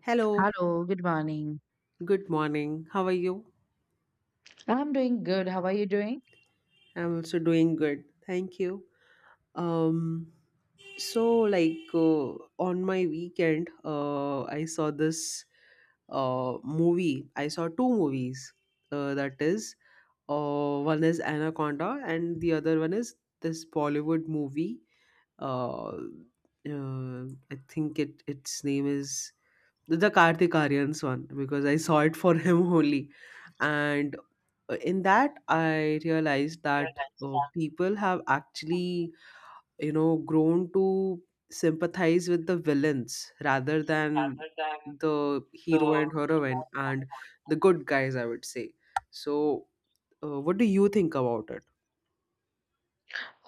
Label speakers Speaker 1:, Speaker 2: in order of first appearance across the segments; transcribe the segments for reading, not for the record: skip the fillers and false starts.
Speaker 1: Hello,
Speaker 2: Hello, good morning.
Speaker 1: good morning. How are you?
Speaker 2: I'm doing good. How are you doing?
Speaker 1: I'm also doing good. Thank you. Um so like uh, on my weekend I saw this movie. I saw two movies. That is One is Anaconda and the other one is this Bollywood movie. Uh, uh I think it its name is the Karthik Aryans one because I saw it for him only, and in that I realized that people have actually grown to sympathize with the villains rather than
Speaker 2: Other.
Speaker 1: the hero
Speaker 2: So.
Speaker 1: and heroine and the good guys, I would say. So, what do you think about it?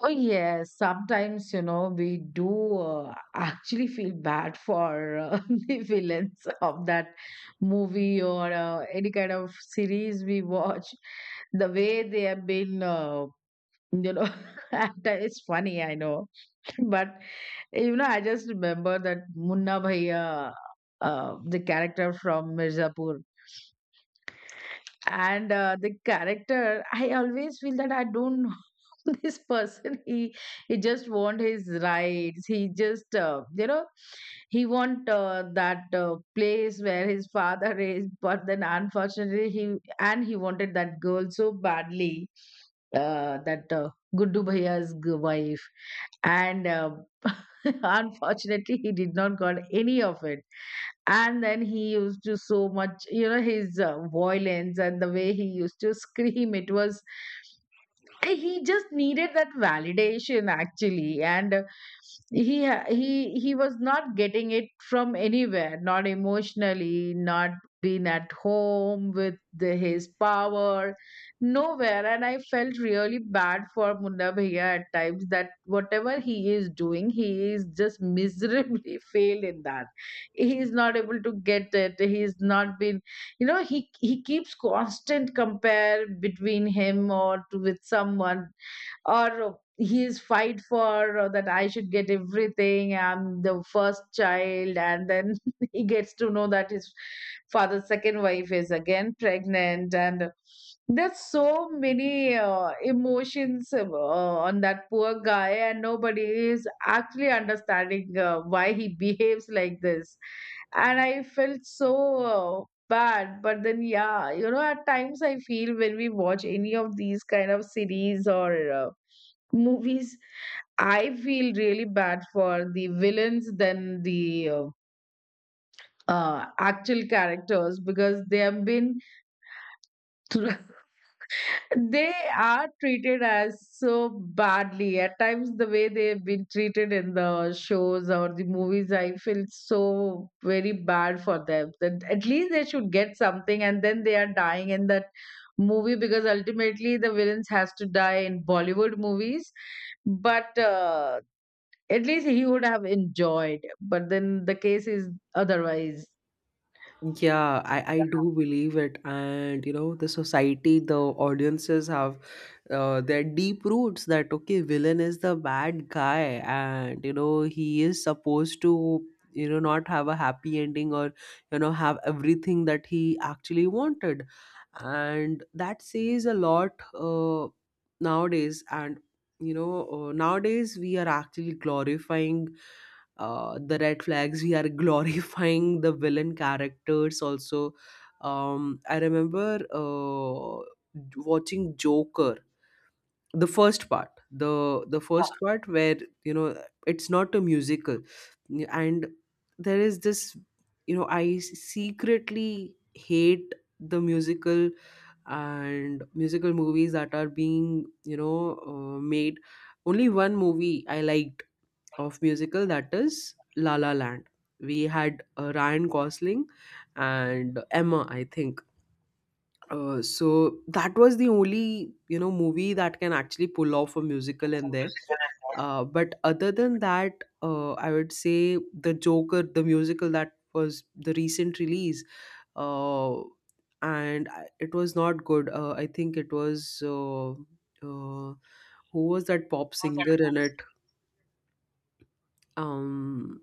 Speaker 2: Oh, yes. Sometimes, you know, we do actually feel bad for the villains of that movie or any kind of series we watch. The way they have been, you know, it's funny, I know. But, I just remember that Munna Bhaiya, the character from Mirzapur. And the character, I always feel that I don't know, this person, he just want his rights. He just, he want that place where his father is, but then unfortunately he and he wanted that girl so badly, that Guddu Bhaiya's wife, and unfortunately, he did not got any of it. And then he used to so much, you know, his violence, and the way he used to scream, it was he just needed that validation actually. And he was not getting it from anywhere, not emotionally, not being at home with the, his power, nowhere. And I felt really bad for Munda Bhaiya at times, that whatever he is doing, he is just miserably failed in that. He is not able to get it, he's not been, you know, he keeps constant compare between him or to, with someone, or his fight for that I should get everything, I'm the first child. And then he gets to know that his father's second wife is again pregnant, and there's so many emotions on that poor guy, and nobody is actually understanding why he behaves like this. And I felt so uh, bad. But then yeah, you know, at times I feel when we watch any of these kind of series or movies, I feel really bad for the villains than the actual characters, because they have been they are treated as so badly. At times, the way they've been treated in the shows or the movies, I feel so very bad for them. That at least they should get something, and then they are dying in that movie, because ultimately the villains has to die in Bollywood movies. But at least he would have enjoyed. But then the case is otherwise.
Speaker 1: Yeah, I do believe it. And you know, the society, the audiences have their deep roots that okay, villain is the bad guy, and you know, he is supposed to, you know, not have a happy ending or you know, have everything that he actually wanted. And that says a lot nowadays. And you know, nowadays we are actually glorifying the red flags, we are glorifying the villain characters also. I remember watching Joker, the first part, the first part, where you know it's not a musical. And there is this, you know, I secretly hate the musical and musical movies that are being, you know, made. Only one movie I liked of musical, that is La La Land. We had Ryan Gosling and Emma, I think. So that was the only, you know, movie that can actually pull off a musical in there. But other than that, I would say the Joker, the musical, that was the recent release, uh, and it was not good. I think it was who was that pop singer in it? um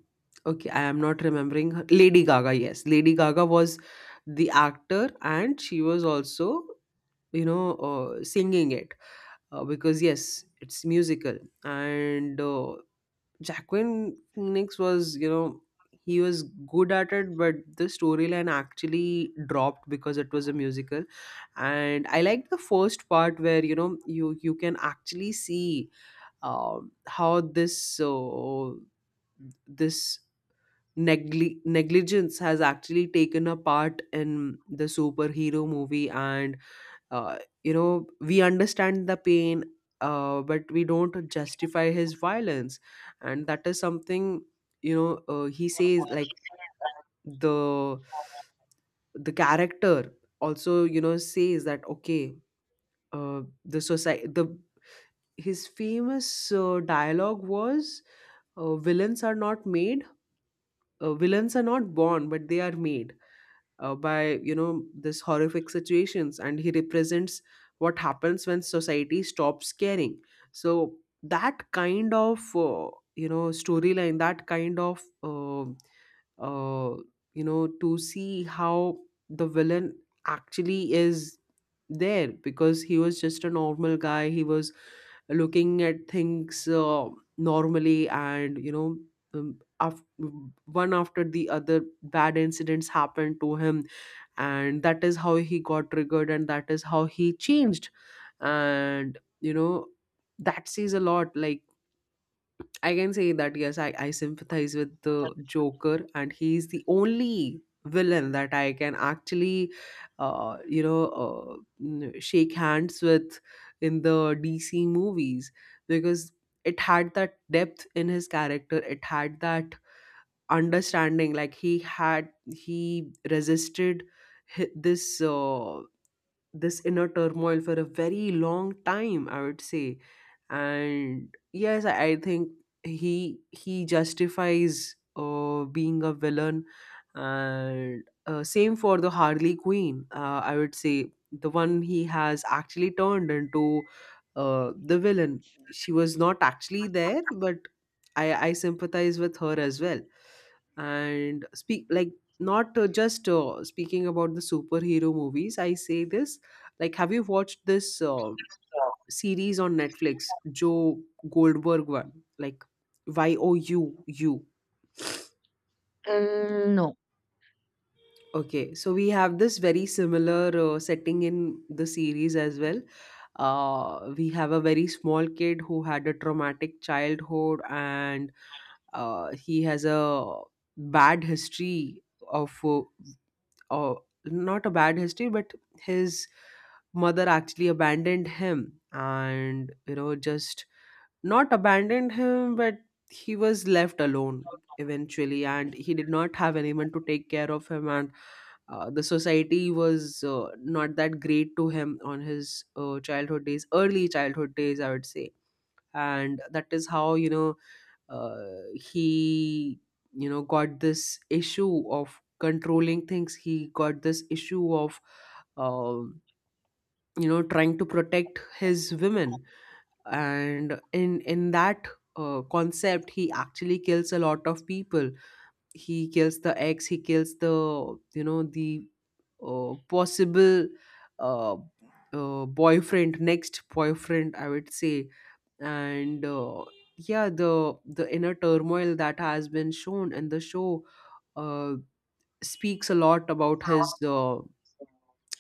Speaker 1: okay, I am not remembering her. Lady Gaga, yes, Lady Gaga was the actor, and she was also, you know, singing it, because yes, it's musical. And Jacqueline Phoenix was, you know, he was good at it, but the storyline actually dropped because it was a musical. And I liked the first part where, you know, you can actually see how this this negligence has actually taken a part in the superhero movie. And uh, you know, we understand the pain, but we don't justify his violence. And that is something, you know, he says like, the the character also, you know, says that okay, the society, the, his famous dialogue was, uh, villains are not made villains are not born but they are made by, you know, this horrific situations. And he represents what happens when society stops caring. So that kind of you know storyline, that kind of uh, you know, to see how the villain actually is there, because he was just a normal guy, he was looking at things normally. And you know, um, af- one after the other bad incidents happened to him, and that is how he got triggered, and that is how he changed. And you know, that says a lot. Like, I can say that yes, I sympathize with the Joker, and he's the only villain that I can actually shake hands with in the DC movies, because it had that depth in his character, it had that understanding. Like, he had, he resisted this this inner turmoil for a very long time, I would say. And yes, I think he justifies being a villain. And same for the Harley Queen, I would say, the one he has actually turned into, the villain, she was not actually there, but I sympathize with her as well. And speak like, not just speaking about the superhero movies, I say this, like, have you watched this series on Netflix, Joe Goldberg one, like, y o u u?
Speaker 2: Mm, no.
Speaker 1: Okay, so we have this very similar setting in the series as well. We have a very small kid who had a traumatic childhood, and he has a bad history of oh, not a bad history, but his mother actually abandoned him, and, you know, just not abandoned him, but he was left alone eventually, and he did not have anyone to take care of him. And the society was not that great to him on his childhood days, early childhood days, I would say. And that is how, you know, he, you know, got this issue of controlling things, he got this issue of um you know, trying to protect his women. And in that concept, he actually kills a lot of people. He kills the eggs, he kills the, you know, the possible uh, boyfriend, next boyfriend, I would say. And yeah, the inner turmoil that has been shown in the show, uh, speaks a lot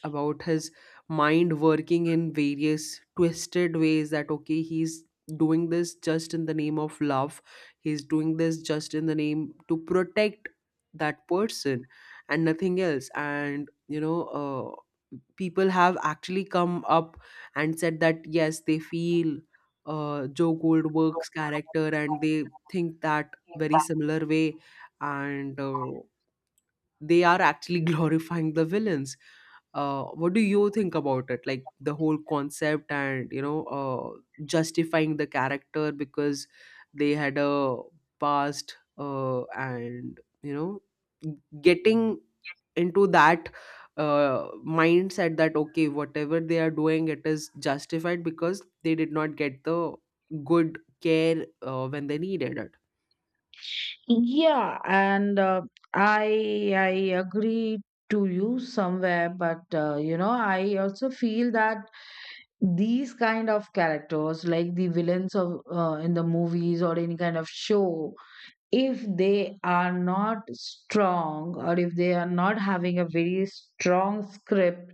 Speaker 1: about his mind working in various twisted ways, that okay, he's doing this just in the name of love, he's doing this just in the name to protect that person, and nothing else. And you know, people have actually come up and said that yes, they feel Joe Goldberg's character, and they think that very similar way. And they are actually glorifying the villains. What do you think about it? Like, the whole concept, and you know, justifying the character because they had a past, and you know, getting into that mindset that okay, whatever they are doing, it is justified because they did not get the good care when they needed it.
Speaker 2: Yeah, and I agree to you somewhere, but you know, I also feel that these kind of characters, like the villains of in the movies or any kind of show, if they are not strong, or if they are not having a very strong script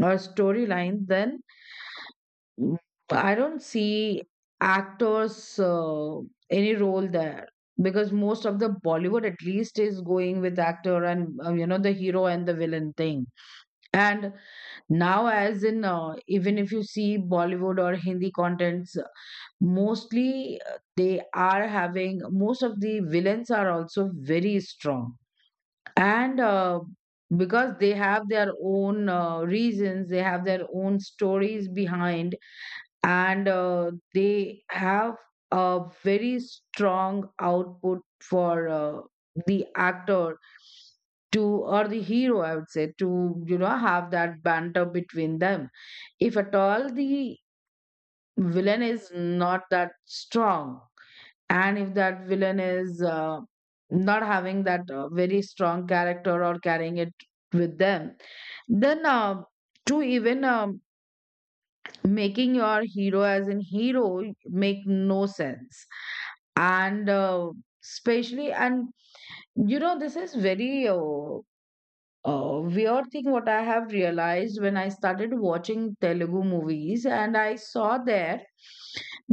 Speaker 2: or storyline, then mm. But I don't see actors any role there, because most of the Bollywood at least is going with actor and you know, the hero and the villain thing. And now, as in even if you see Bollywood or Hindi contents, mostly they are having, most of the villains are also very strong. And because they have their own reasons, they have their own stories behind, and they have a very strong output for the actor to, or the hero I would say, to you know have that banter between them. If at all the villain is not that strong, and if that villain is not having that very strong character or carrying it with them, then to even making your hero as an hero make no sense. And especially, and you know, this is very weird thing what I have realized when I started watching Telugu movies, and I saw there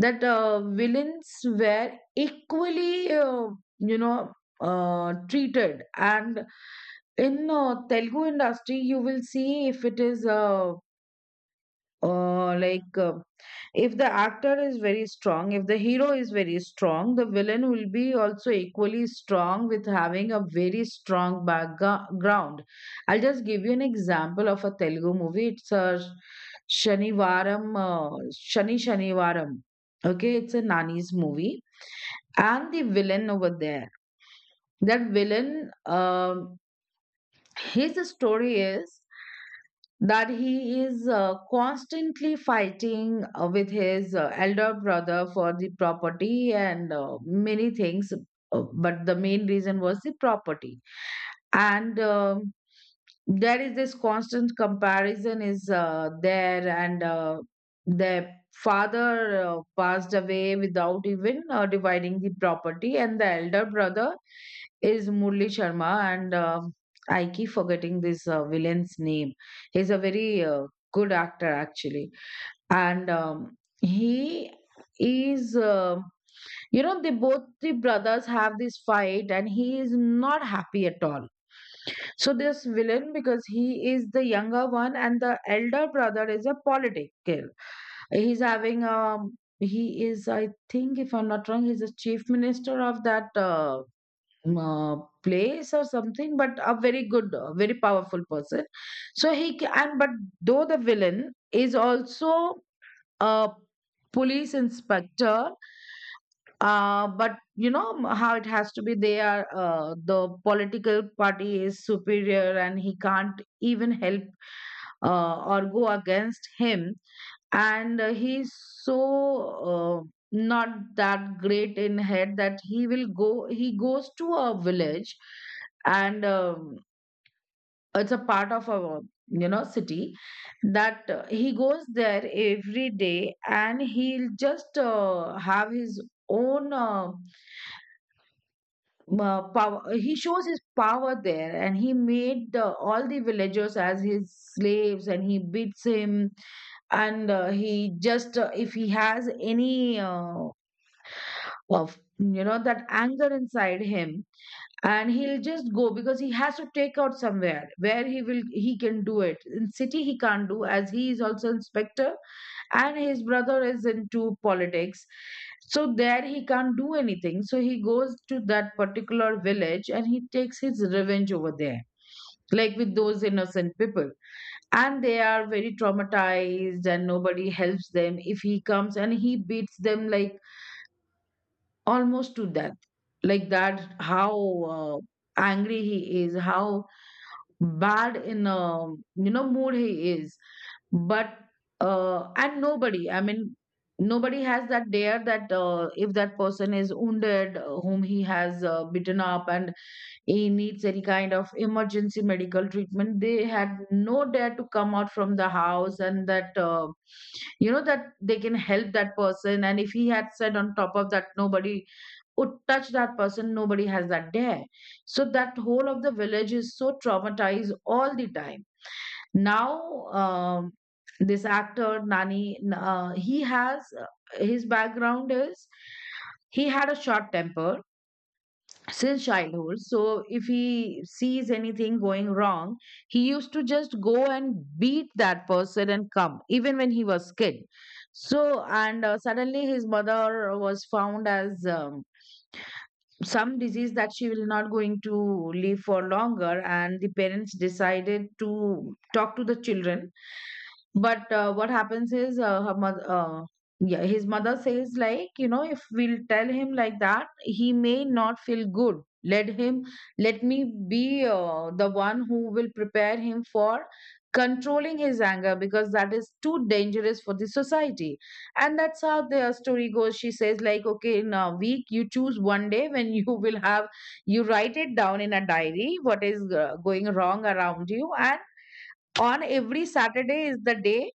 Speaker 2: that villains were equally uh, you know treated. And in Telugu industry, you will see if it is a uh, like uh, if the actor is very strong, if the hero is very strong, the villain will be also equally strong, with having a very strong background. I'll just give you an example of a Telugu movie. It's a Shanivaram, Shanivaram. Okay, it's a Nani's movie, and the villain over there, that villain, um, his story is that he is constantly fighting with his elder brother for the property and many things, but the main reason was the property. And um, there is this constant comparison is there, and their father passed away without even dividing the property, and the elder brother is Murli Sharma, and I keep forgetting this villain's name. He's a very good actor actually, and he is. They both the brothers have this fight, and he is not happy at all. So this villain, because he is the younger one, and the elder brother is a political. He's having he is, I think, if I'm not wrong, he's a chief minister of that. Um, uh, place or something, but a very good very powerful person. So and but though the villain is also a police inspector, but you know, how it has to be, they are the political party is superior, and he can't even help or go against him. And he's so uh, not that great in head, that he will go he goes to a village. And it's a part of our you know city, that he goes there every day, and he'll just have his own power. He shows his power there, and he made the, all the villagers as his slaves, and he beats him. And he just if he has any of you know that anger inside him, and he'll just go, because he has to take out somewhere, where he will he can do it in city, he can't do, as he is also inspector, and his brother is into politics. So there he can't do anything, so he goes to that particular village and he takes his revenge over there, like with those innocent people. And they are very traumatized, and nobody helps them. If he comes and he beats them like almost to death, like that, how uh, angry he is, how bad in a you know mood he is. But and nobody, I mean, nobody has that dare that if that person is wounded, whom he has beaten up, and he needs any kind of emergency medical treatment, they had no dare to come out from the house, and that you know, that they can help that person. And if he had said, on top of that, nobody would touch that person, nobody has that dare. So that whole of the village is so traumatized all the time. Now, um, this actor Nani, he has his background is, he had a short temper since childhood. So if he sees anything going wrong, he used to just go and beat that person and come, even when he was kid. So, and suddenly his mother was found as some disease, that she will not going to live for longer, and the parents decided to talk to the children. But what happens is yeah, his mother says like, you know, if we'll tell him like that, he may not feel good. Let him, let me be the one who will prepare him for controlling his anger, because that is too dangerous for the society. And that's how the story goes. She says, like, okay, in a week you choose one day when you will you write it down in a diary what is going wrong around you, and on every Saturday is the day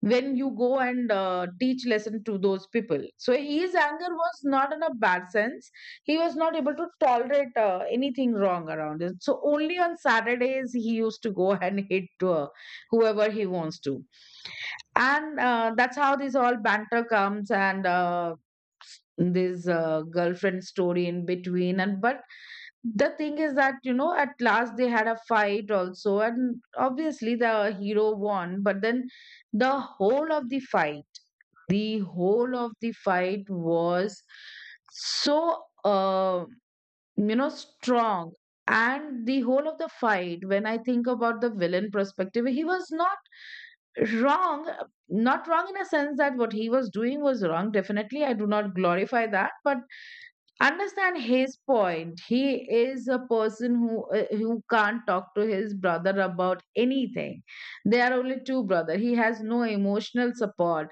Speaker 2: when you go and teach lesson to those people. So his anger was not in a bad sense, he was not able to tolerate anything wrong around him, so only on Saturdays he used to go and hit uh, whoever he wants to. And that's how this all banter comes, and this girlfriend story in between. And but the thing is that, you know, at last they had a fight also and obviously the hero won, but then the whole of the fight the whole of the fight was so, you know, strong. And the whole of the fight, when I think about the villain perspective, he was not wrong, not wrong in a sense that what he was doing was wrong, definitely I do not glorify that, but understand his point. He is a person who can't talk to his brother about anything. They are only two brother, he has no emotional support.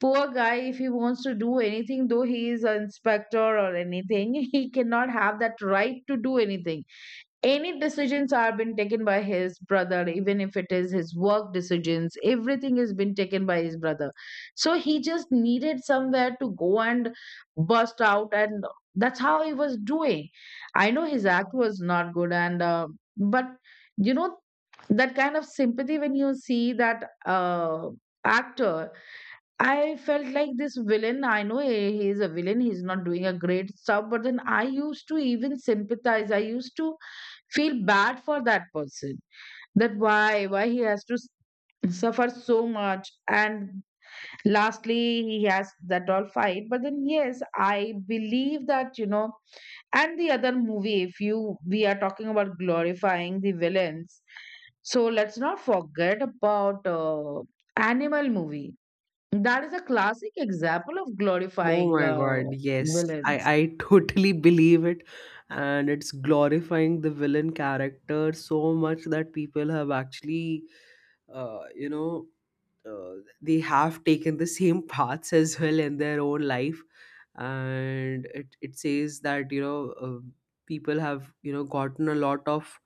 Speaker 2: Poor guy, if he wants to do anything, though he is an inspector or anything, he cannot have that right to do anything. Any decisions are been taken by his brother, even if it is his work decisions, everything has been taken by his brother. So he just needed somewhere to go and burst out, and that's how he was doing. I know his act was not good, and but, you know, that kind of sympathy when you see that actor. I felt like this villain. I know he is a villain. He's not doing a great stuff, but then I used to even sympathize. I used to feel bad for that person, that why he has suffer so much. And lastly he has that all fight, but then yes, I believe that, you know. And the other movie, if you we are talking about glorifying the villains, so let's not forget about animal movie. That is a classic example of
Speaker 1: Oh
Speaker 2: glorifying
Speaker 1: my God, yes. I,
Speaker 2: villains.
Speaker 1: I totally believe it. And it's glorifying the villain character so much that people have actually, you know, they have taken the same paths as well in their own life. And it says that, you know, people have, you know, gotten a lot of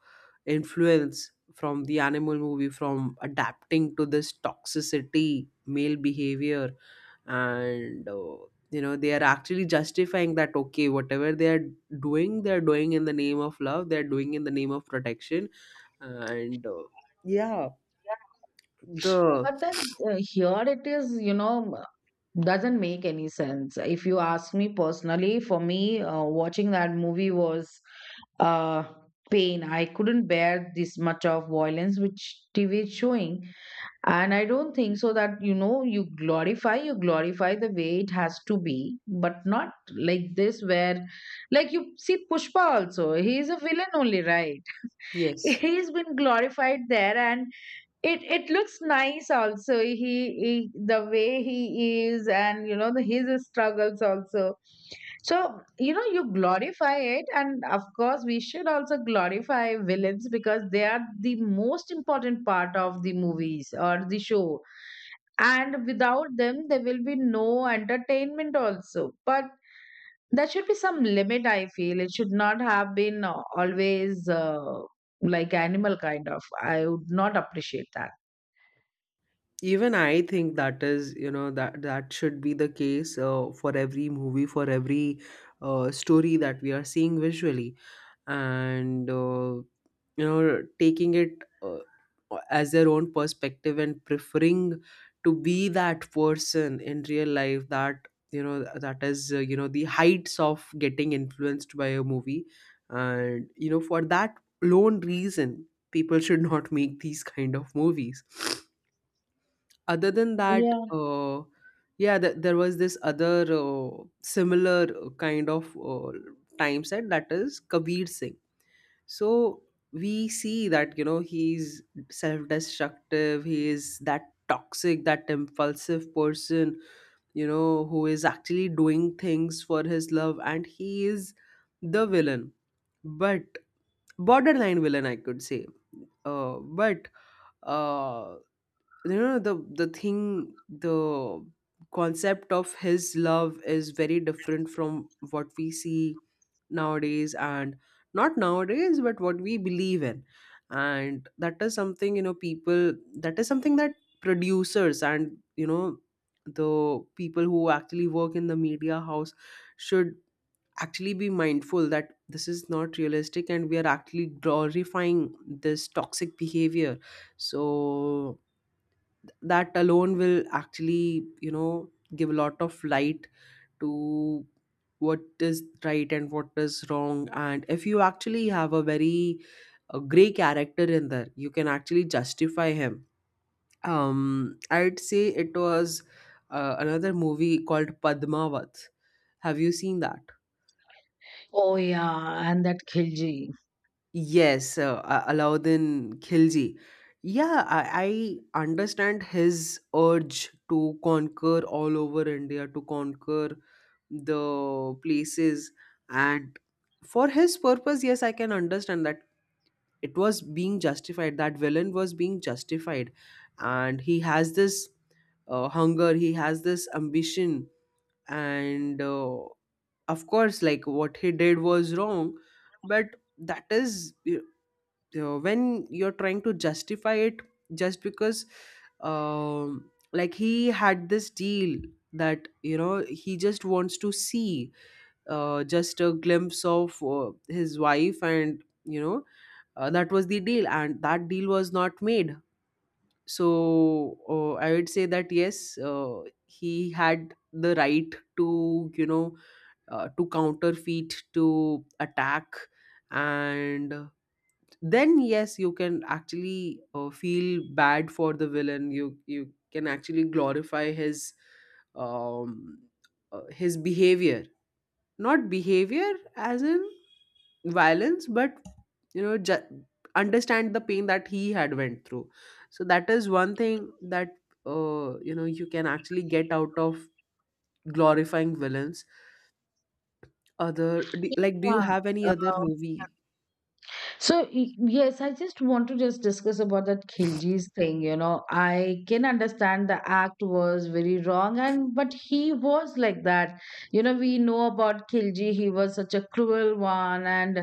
Speaker 1: influence from the animal movie, from adapting to this toxicity male behavior. And you know, they are actually justifying that okay, whatever they are doing, they are doing in the name of love, they are doing in the name of protection. And yeah the
Speaker 2: But then here it is, you know, doesn't make any sense. If you ask me personally, for me, watching that movie was uh, pain. I couldn't bear this much of violence which TV is showing. And I don't think so that, you know, you glorify the way it has to be, but not like this, where, like, you see Pushpa also, he is a villain only, right?
Speaker 1: yes,
Speaker 2: He's been glorified there, and it looks nice also. He the way he is, and you know the, his struggles also. So you know, you glorify it, and of course we should also glorify villains because they are the most important part of the movies or the show, and without them there will be no entertainment also. But there should be some limit, I feel. It should not have been, always like animal kind of. I would not appreciate that.
Speaker 1: even I think that is, you know, that that should be the case for every movie, for every story that we are seeing visually. And you know, taking it as their own perspective, and preferring to be that person in real life, that you know, that is you know, the heights of getting influenced by a movie. And you know, for that lone reason, people should not make these kind of movies. Other than that,
Speaker 2: Yeah.
Speaker 1: there was this other similar kind of time set, that is Kabir Singh. So we see that, you know, he's self destructive, he is that toxic, that impulsive person, you know, who is actually doing things for his love, and he is the villain. But borderline villain, I could say. But uh, you know, the thing, the concept of his love is very different from what we see nowadays. And not nowadays, but what we believe in. And that is something, you know, people, that is something that producers, and you know, the people who actually work in the media house, should actually be mindful that this is not realistic, and we are actually glorifying this toxic behavior. So that alone will actually, you know, give a lot of light to what is right and what is wrong. And if you actually have a very gray character in there, you can actually justify him. I'd say it was another movie called Padmavat. Have you seen that?
Speaker 2: Oh yeah, and that khilji.
Speaker 1: Yes, Alauddin Khilji. Yeah, I understand his urge to conquer all over India, to conquer the places, and for his purpose, yes, I can understand that. It was being justified, that villain was being justified. And he has this hunger, he has this ambition. And of course, like, what he did was wrong, but that is, you know, when you're trying to justify it, just because like, he had this deal that, you know, he just wants to see just a glimpse of his wife, and you know, that was the deal, and that deal was not made. So I would say that yes, he had the right to, you know, to counterfeit, to attack. And then yes, you can actually feel bad for the villain. You can actually glorify um his behavior, not behavior as in violence, but you know, understand the pain that he had went through. So that is one thing that you know, you can actually get out of glorifying villains. Like, do you
Speaker 2: Yeah.
Speaker 1: have any other
Speaker 2: Um,
Speaker 1: movie?
Speaker 2: so, yes, I just want to just discuss about that khilji's thing. You know, I can understand the act was very wrong, and but he was like that. You know, we know about khilji. He was such a cruel one, and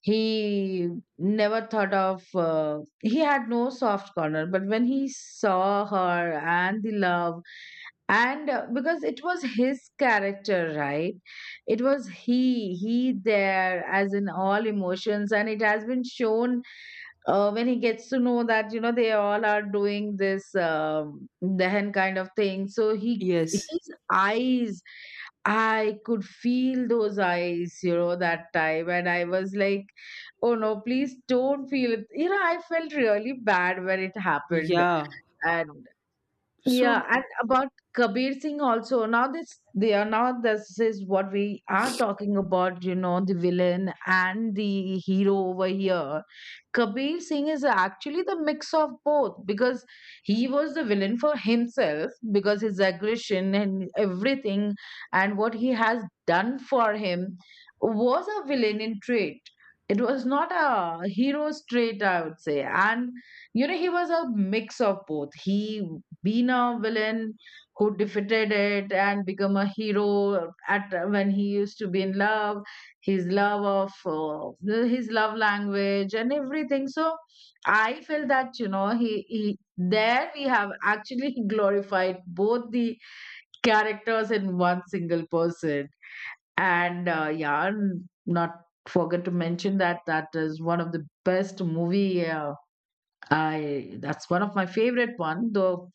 Speaker 2: he never thought of. He had no soft corner, but when he saw her and the love, and because it was his character, right? It was he there as in all emotions, and it has been shown when he gets to know that, you know, they all are doing this dehen kind of thing, so he
Speaker 1: Yes,
Speaker 2: his eyes, I could feel those eyes, you know, that time, and I was like, oh no, please don't feel it, you know, I felt really bad when it happened.
Speaker 1: yeah,
Speaker 2: And yeah,
Speaker 1: so
Speaker 2: and about Kabir Singh also. Now this is what we are talking about, you know, the villain and the hero over here. Kabir Singh is actually the mix of both because he was the villain for himself because his aggression and everything and what he has done for him was a villain in trait. It was not a hero's trait, I would say. And you know, he was a mix of both. He been a villain who defeated it and become a hero at when he used to be in love, his love of his love language and everything. So I feel that, you know, he there, we have actually glorified both the characters in one single person. And yeah, not forget to mention that that is one of the best movie, I that's one of my favorite one though.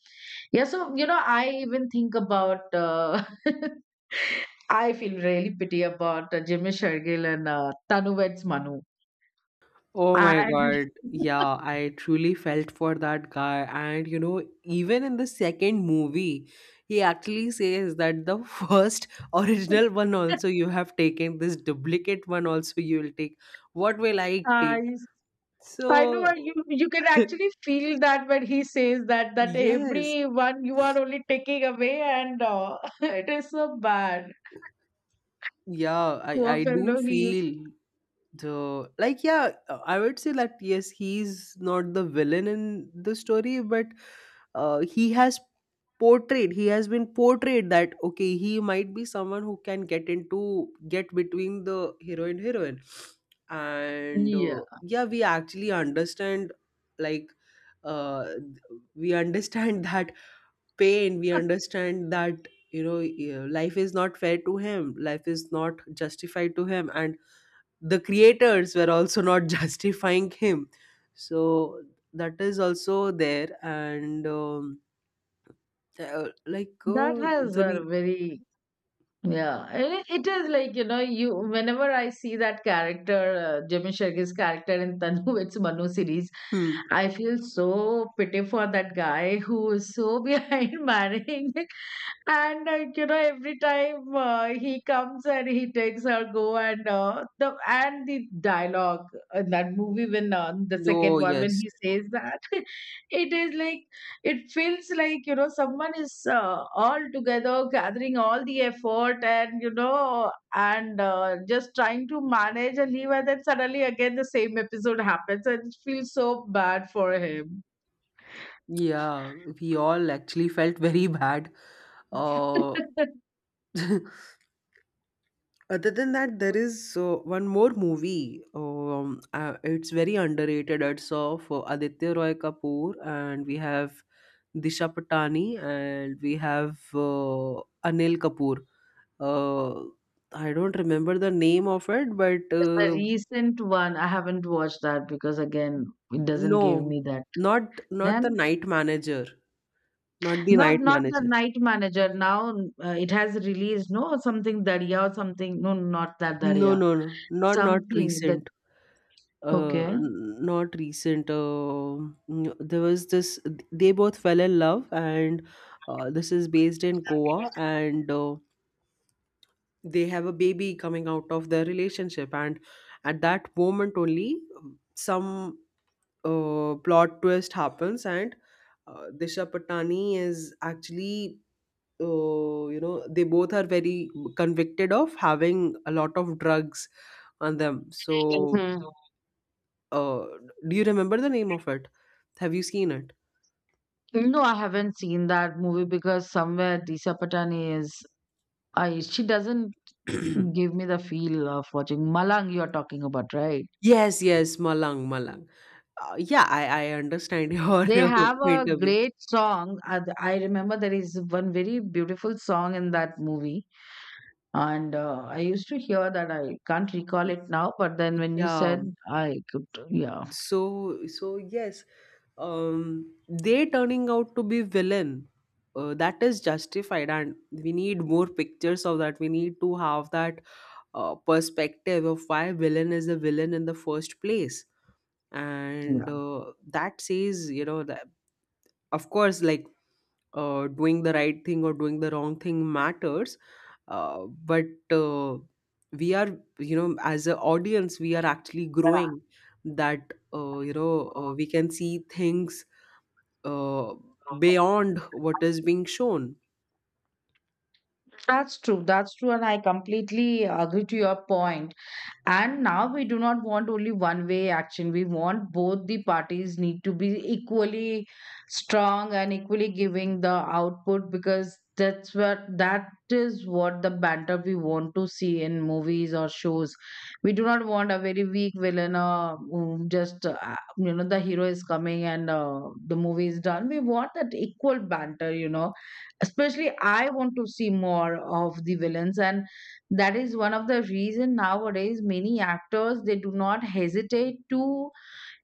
Speaker 2: Yeah, so you know, I even think about. I feel really pity about Jimmy Shergill and Tanu Veds Manu.
Speaker 1: Oh my
Speaker 2: And
Speaker 1: God. Yeah, I truly felt for that guy. And you know, even in the second movie, he actually says that the first original one also you have taken, this duplicate one also you will take. What will I take?
Speaker 2: I, I know
Speaker 1: So,
Speaker 2: you. You can actually feel that when he says that that
Speaker 1: yes,
Speaker 2: everyone you are only taking away, and it is so bad.
Speaker 1: yeah, I,
Speaker 2: Poor
Speaker 1: I do
Speaker 2: fellow, he used.
Speaker 1: feel. So, like, yeah, I would say that yes, he's not the villain in the story, but he has portrayed, he has been portrayed that okay, he might be someone who can get into, get between the hero and heroine. And
Speaker 2: Yeah,
Speaker 1: yeah, we actually understand, like uh, th- we understand that pain, we understand that, you know, life is not fair to him, life is not justified to him, and the creators were also not justifying him. So that is also there. And uh, like
Speaker 2: that
Speaker 1: uh,
Speaker 2: has
Speaker 1: the
Speaker 2: a
Speaker 1: re-
Speaker 2: very Yeah, and it is like, you know, you whenever I see that character, Jimmy Shirky's character in Tanu, it's Manu series,
Speaker 1: hmm.
Speaker 2: I feel so pity for that guy who is so behind marrying, and you know, every time he comes and he takes her go, and the and the dialogue in that movie when the second
Speaker 1: Oh
Speaker 2: one, when
Speaker 1: yes,
Speaker 2: he says that, it is like, it feels like, you know, someone is all together gathering all the effort, and you know, and just trying to manage and leave, and then suddenly again the same episode happens, and it feels so bad for him.
Speaker 1: yeah, we all actually felt very bad.
Speaker 2: It's
Speaker 1: uh
Speaker 2: the
Speaker 1: Other than that, there is one more movie. It's very underrated. It's of Aditya Roy Kapoor, and we have Disha Patani, and we have Anil Kapoor. Uh, I don't remember the name of it, but
Speaker 2: recent one, I haven't watched that because again it doesn't give
Speaker 1: no,
Speaker 2: me that.
Speaker 1: not not
Speaker 2: Then
Speaker 1: the night manager, not the
Speaker 2: not
Speaker 1: night
Speaker 2: not the
Speaker 1: manager.
Speaker 2: night manager now, it has released no, something dariya or something, no, not that
Speaker 1: No,
Speaker 2: dariya,
Speaker 1: no, no, not not
Speaker 2: something that.
Speaker 1: recent.
Speaker 2: Okay.
Speaker 1: Not recent. There was this. They both fell in love, and this is based in Goa, and they have a baby coming out of their relationship. And at that moment only, some plot twist happens, and Disha Patani is actually. You know, they both are very convicted of having a lot of drugs on them. So
Speaker 2: Hmm.
Speaker 1: Uh, do you remember the name of it? Have you seen it?
Speaker 2: No, I haven't seen that movie because somewhere Disha Patani is, I she doesn't give me the feel of watching Malang. You are talking about, right?
Speaker 1: Yes, yes, Malang, Malang. Yeah, I understand your
Speaker 2: They have
Speaker 1: point
Speaker 2: a
Speaker 1: of view.
Speaker 2: great song. I remember there is one very beautiful song in that movie, and I used to hear that. I can't recall
Speaker 1: Y-
Speaker 2: it now, but then when you
Speaker 1: Yeah.
Speaker 2: said, I could, yeah,
Speaker 1: So yes, they turning out to be villain. That is justified, and we need more pictures of that. We need to have that perspective of why villain is a villain in the first place. And
Speaker 2: yeah.
Speaker 1: that says, you know, that of course, like doing the right thing or doing the wrong thing matters, uh, but uh, we are, you know, as an audience, we are actually growing, that you know, we can see things uh, beyond what is being shown.
Speaker 2: That's true. That's true, and I completely agree to your point. And now we do not want only one way action, we want both the parties need to be equally strong and equally giving the output, because that's what that is what the banter we want to see in movies or shows. We do not want a very weak villain, or just you know, the hero is coming and the movie is done. We want that equal banter, you know. Especially I want to see more of the villains, and that is one of the reason nowadays many actors they do not hesitate to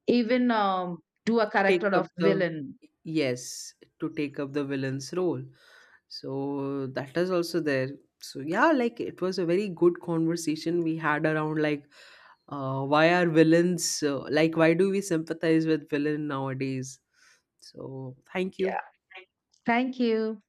Speaker 2: even do a
Speaker 1: Take
Speaker 2: character
Speaker 1: up
Speaker 2: of
Speaker 1: the,
Speaker 2: villain.
Speaker 1: yes, to take up the villain's role. So that is also there. So yeah, like, it was a very good conversation we had around, like, why are villains, like, why do we sympathize with villain nowadays? So thank you.
Speaker 2: Yeah. Thank you.